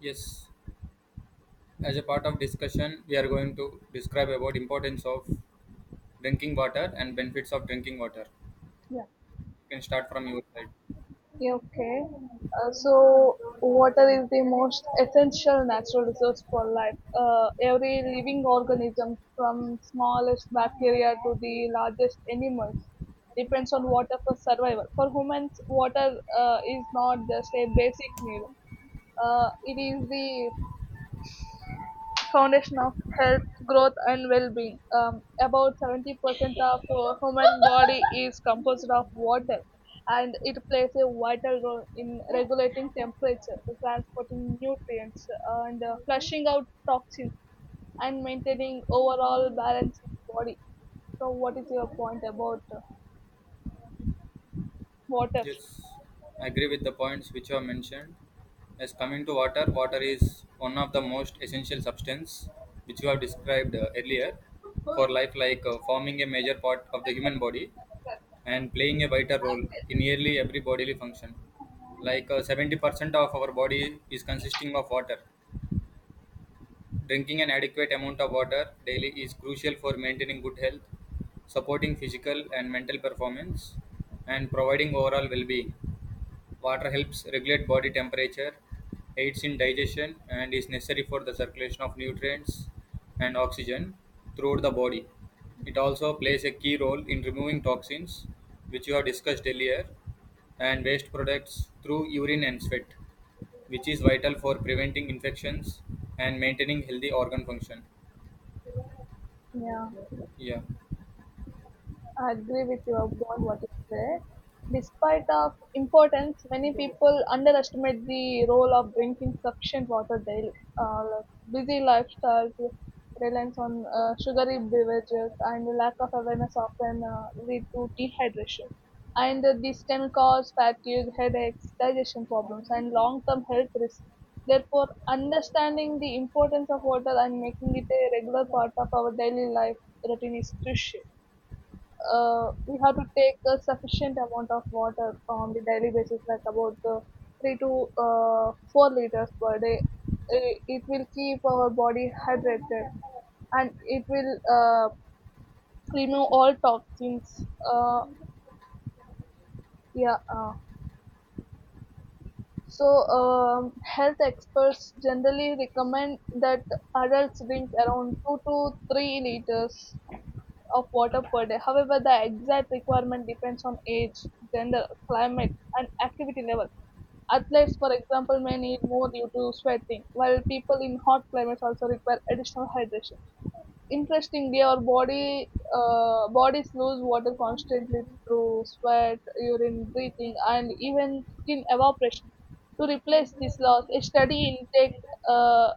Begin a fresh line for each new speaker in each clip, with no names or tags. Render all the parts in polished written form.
Yes, as a part of discussion, we are going to describe about importance of drinking water and benefits of drinking water.
Yeah.
You can start from your side.
Yeah, okay. Water is the most essential natural resource for life. Every living organism, from smallest bacteria to the largest animals, depends on water for survival. For humans, water is not just a basic need. It is the foundation of health, growth, and well-being. About 70% of human body is composed of water, and it plays a vital role in regulating temperature, transporting nutrients, and flushing out toxins, and maintaining overall balance in the body. So, what is your point about water?
Yes, I agree with the points which you have mentioned. As coming to water, water is one of the most essential substance which you have described earlier for life, like forming a major part of the human body and playing a vital role in nearly every bodily function. Like 70% of our body is consisting of water Drinking An adequate amount of water daily is crucial for maintaining good health, supporting physical and mental performance, and providing overall well being. Water helps regulate body temperature, aids in digestion, and is necessary for the circulation of nutrients and oxygen throughout the body. It also plays a key role in removing toxins, which you have discussed earlier, and waste products through urine and sweat, which is vital for preventing infections and maintaining healthy organ function.
Yeah.
Yeah.
I agree with you about what you said. Despite of importance, many people underestimate the role of drinking sufficient water daily. Uh, like busy lifestyles, reliance on sugary beverages, and lack of awareness often lead to dehydration. And this can cause fatigue, headaches, digestion problems, and long-term health risks. Therefore, understanding the importance of water and making it a regular part of our daily life routine is crucial. We have to take a sufficient amount of water on the daily basis, like about three to 4 liters per day. It will keep our body hydrated and it will remove all toxins. Uh, yeah. Uh, health experts generally recommend that adults drink around 2 to 3 liters of water per day. However, the exact requirement depends on age, gender, climate, and activity level. Athletes, for example, may need more due to sweating, while people in hot climates also require additional hydration. Interestingly, our body bodies lose water constantly through sweat, urine, breathing, and even skin evaporation. To replace this loss, a steady intake uh,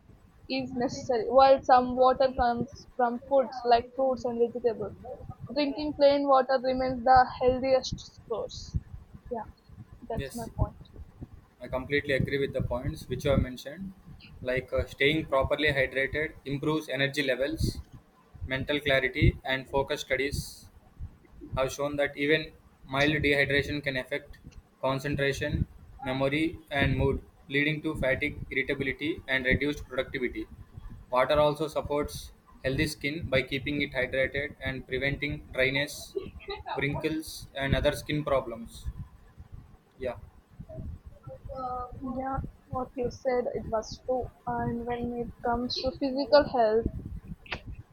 is necessary. While some water comes from foods like fruits and vegetables, drinking plain water remains the healthiest source. Yeah, that's my
Yes.
point.
I completely agree with the points which you have mentioned. Like staying properly hydrated improves energy levels, mental clarity, and focus. Studies have shown that even mild dehydration can affect concentration, memory, and mood, leading to fatigue, irritability, and reduced productivity. Water also supports healthy skin by keeping it hydrated and preventing dryness, wrinkles, and other skin problems. Yeah.
Yeah, what you said, it was true. And when it comes to physical health,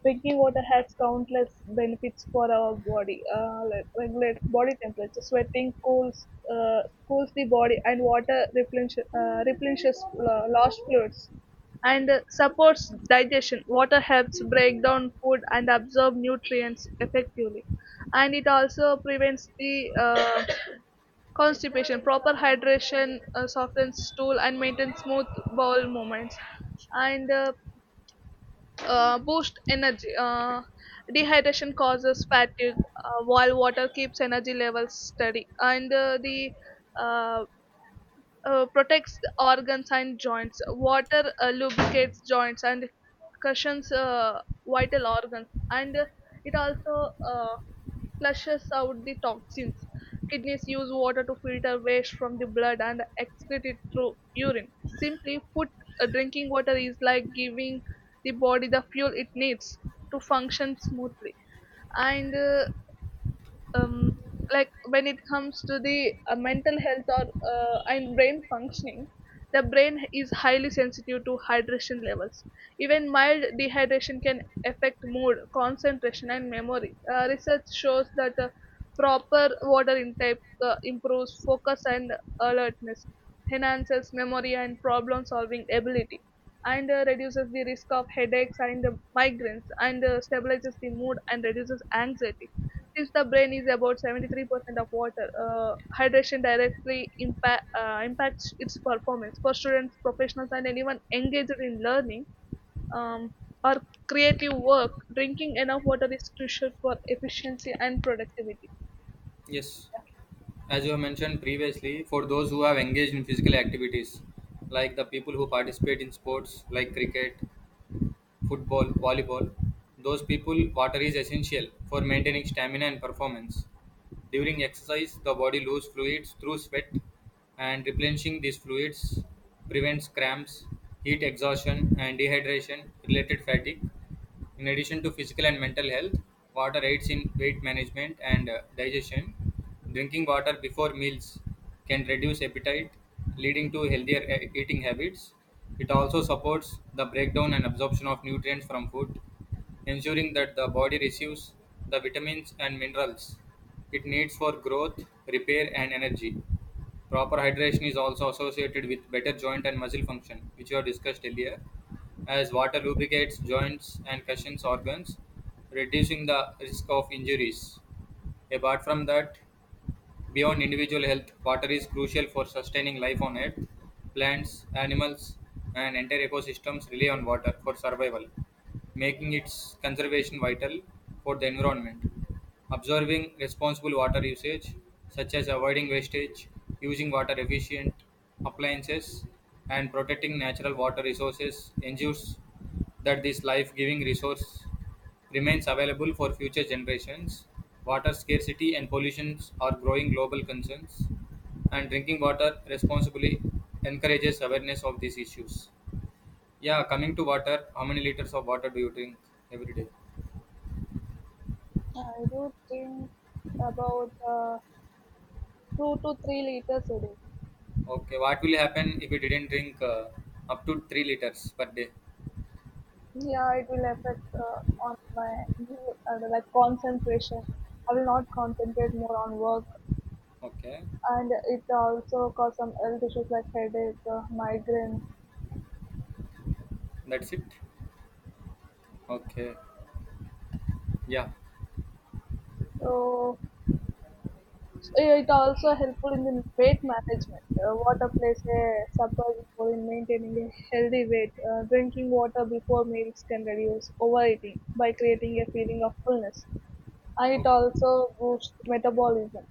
drinking water has countless benefits for our body. Like regulates body temperature. Sweating uh, cools the body, and water replenishes lost fluids and supports digestion. Water helps break down food and absorb nutrients effectively, and it also prevents the constipation. Proper hydration softens stool and maintains smooth bowel movements. And boost energy. Dehydration causes fatigue, while water keeps energy levels steady, and the uh, protects the organs and joints. Water lubricates joints and cushions vital organs, and it also flushes out the toxins. Kidneys use water to filter waste from the blood and excrete it through urine. Simply put, drinking water is like giving the body the fuel it needs to function smoothly. And um, like when it comes to the mental health or and brain functioning, the brain is highly sensitive to hydration levels. Even mild dehydration can affect mood, concentration, and memory. Research shows that proper water intake improves focus and alertness, enhances memory and problem solving ability, and reduces the risk of headaches and migraines, and stabilizes the mood and reduces anxiety. Since the brain is about 73% of water, hydration directly impacts its performance. For students, professionals, and anyone engaged in learning um, or creative work, drinking enough water is crucial for efficiency and productivity.
Yes. As you have mentioned previously, for those who have engaged in physical activities, like the people who participate in sports like cricket, football, volleyball, those people, water is essential for maintaining stamina and performance. During exercise, the body loses fluids through sweat, and replenishing these fluids prevents cramps, heat exhaustion, and dehydration related fatigue. In addition to physical and mental health, water aids in weight management and digestion. Drinking water before meals can reduce appetite, leading to healthier eating habits. It also supports the breakdown and absorption of nutrients from food, ensuring that the body receives the vitamins and minerals it needs for growth, repair, and energy. Proper hydration is also associated with better joint and muscle function, which we have discussed earlier, as water lubricates joints and cushions organs, reducing the risk of injuries. Apart from that, beyond individual health, water is crucial for sustaining life on Earth. Plants, animals, and entire ecosystems rely on water for survival, making its conservation vital for the environment. Observing responsible water usage, such as avoiding wastage, using water efficient appliances, and protecting natural water resources, ensures that this life-giving resource remains available for future generations. Water scarcity and pollution are growing global concerns, and drinking water responsibly encourages awareness of these issues. Yeah, coming to water, how many liters of water do you drink every day?
I do think about 2 to 3 liters a day.
Okay, what will happen if you didn't drink up to 3 liters per day?
Yeah, it will affect on my mood, like concentration. I will not concentrate more on work,
Okay,
and it also cause some health issues like headache, migraine.
that's it. Okay, yeah.
So it also helpful in the weight management. Water plays a surprise role in maintaining a healthy weight. Drinking water before meals can reduce overeating by creating a feeling of fullness, and it
Okay.
also boosts metabolism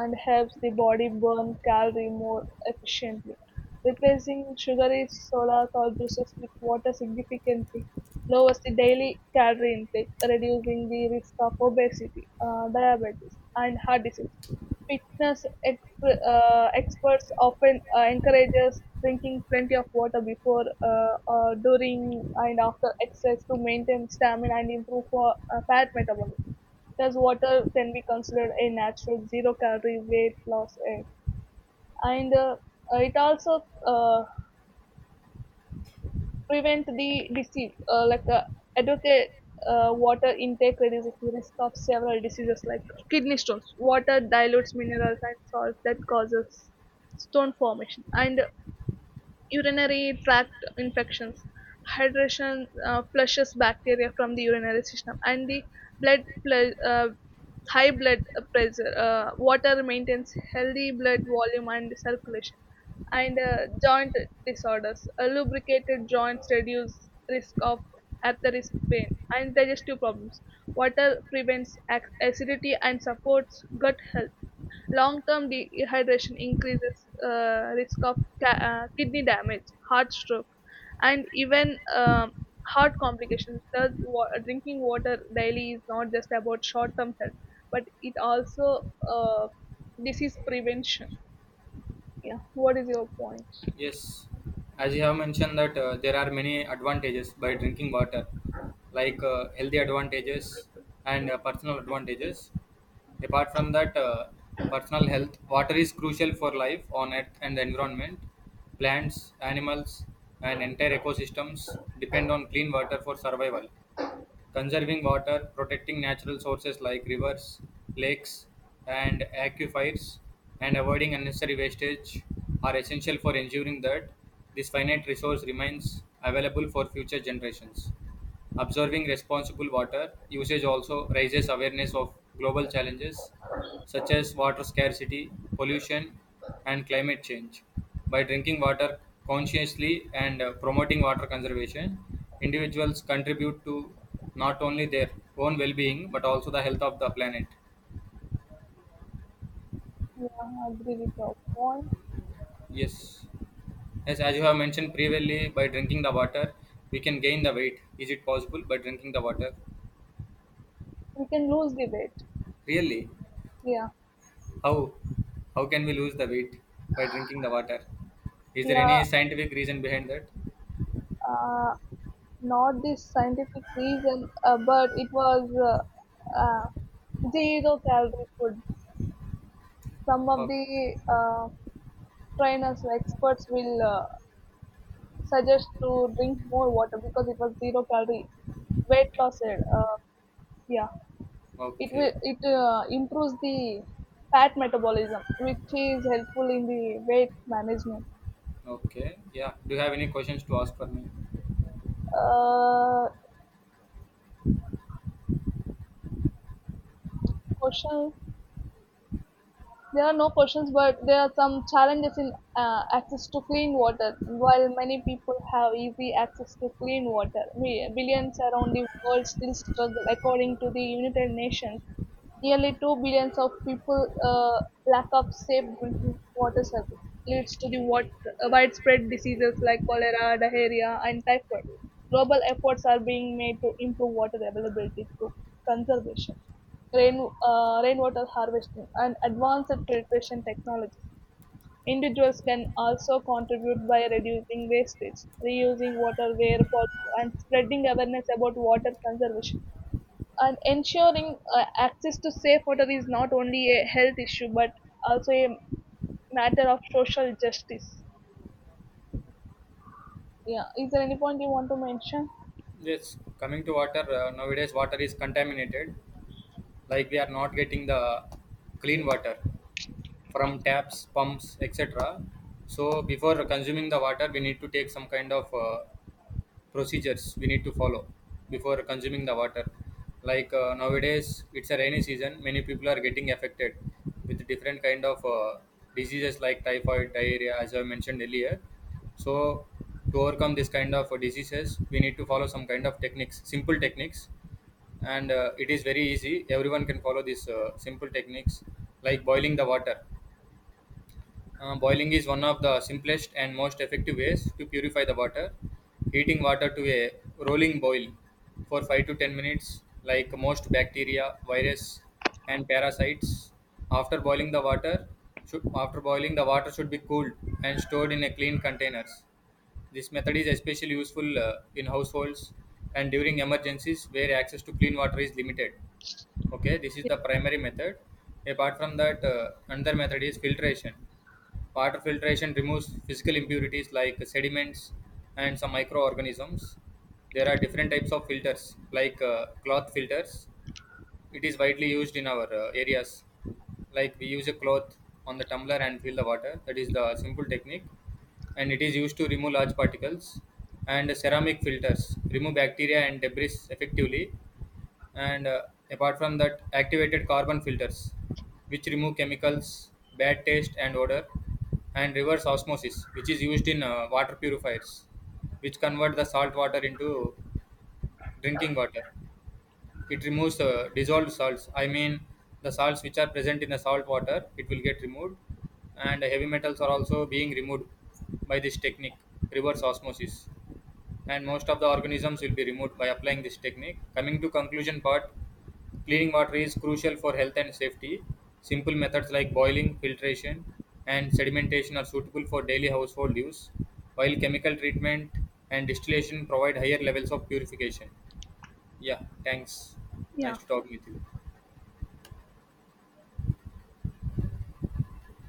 and helps the body burn calorie more efficiently. Replacing sugary sodas or juices with water significantly lowers the daily calorie intake, reducing the risk of obesity, diabetes, and heart disease. Fitness experts often encourage us drinking plenty of water before, during, and after exercise to maintain stamina and improve fat metabolism. Thus, water can be considered a natural zero calorie weight loss aid, and it also prevent the disease. Like educate water intake reduces the risk of several diseases like kidney stones. Water dilutes minerals and salts that causes stone formation and urinary tract infections. Hydration flushes bacteria from the urinary system, and blood ple- uh, high blood pressure, water maintains healthy blood volume and circulation, and joint disorders. Lubricated joints reduce risk of arthritis pain and digestive problems. Water prevents acidity and supports gut health. Long-term dehydration increases risk of kidney damage, heart stroke, and even heart complications. Thus, drinking water daily is not just about short-term health, but it also uh, disease prevention. Yeah. What is your point?
Yes, as you have mentioned that there are many advantages by drinking water, like healthy advantages and personal advantages. Apart from that, personal health, water is crucial for life on earth and the environment. Plants, animals, and entire ecosystems depend on clean water for survival. Conserving water, protecting natural sources like rivers, lakes, and aquifers, and avoiding unnecessary wastage are essential for ensuring that this finite resource remains available for future generations. Observing responsible water usage also raises awareness of global challenges such as water scarcity, pollution, and climate change. By drinking water consciously and promoting water conservation, individuals contribute to not only their own well being but also the health of the planet.
Yeah, I agree with your point.
Yes. Yes, as you have mentioned previously, by drinking the water, we can gain the weight. Is it possible by drinking the water?
We can lose the weight.
Really?
Yeah.
How how can we lose the weight by drinking the water? Is there
Yeah.
any scientific reason behind that?
Uh, not this scientific reason, but it was zero calorie food. Some of
Oh,
the trainers, experts will suggest to drink more water because it was zero calorie weight loss aid. Yeah, it
okay,
will it uh, improves the fat metabolism, which is helpful in the weight management.
okay, yeah. Do you have any questions to ask for me?
Uh, question. There are no questions, but there are some challenges in access to clean water. While many people have easy access to clean water, we, billions around the world still struggle, according to the United Nations. Nearly 2 billion of people uh, lack of safe drinking water service leads to the widespread diseases like cholera, diarrhea, and typhoid. Global efforts are being made to improve water availability through conservation, rainwater harvesting, and advanced filtration technology. Individuals can also contribute by reducing wastage, reusing water where possible, and spreading awareness about water conservation, and ensuring access to safe water is not only a health issue but also a matter of social justice. Yeah, is there any point you want to mention?
Yes, coming to water, nowadays water is contaminated. Like we are not getting the clean water from taps, pumps, etc. So before consuming the water, we need to take some kind of procedures we need to follow before consuming the water, like nowadays it's a rainy season, many people are getting affected with different kind of diseases like typhoid, diarrhea, as I mentioned earlier. So to overcome this kind of diseases we need to follow some kind of techniques, simple techniques, and it is very easy, everyone can follow these simple techniques, like boiling the water. Boiling is one of the simplest and most effective ways to purify the water. Heating water to a rolling boil for 5 to 10 minutes, like most bacteria, virus, and parasites. After boiling the water, after boiling the water should be cooled and stored in a clean containers. This method is especially useful in households and during emergencies where access to clean water is limited. Okay, this is the primary method. Apart from that, another method is filtration. Water filtration removes physical impurities like sediments and some microorganisms. There are different types of filters, like cloth filters. It is widely used in our areas. Like we use a cloth on the tumbler and fill the water. That is the simple technique. And it is used to remove large particles. And ceramic filters remove bacteria and debris effectively, and apart from that, activated carbon filters which remove chemicals, bad taste and odor, and reverse osmosis which is used in water purifiers, which convert the salt water into drinking water. It removes dissolved salts. I mean, the salts which are present in the salt water, it will get removed, and heavy metals are also being removed by this technique, reverse osmosis, and most of the organisms will be removed by applying this technique. Coming to conclusion part, cleaning water is crucial for health and safety. Simple methods like boiling, filtration, and sedimentation are suitable for daily household use, while chemical treatment and distillation provide higher levels of purification. Yeah, thanks. Nice
Yeah.
to talk with you.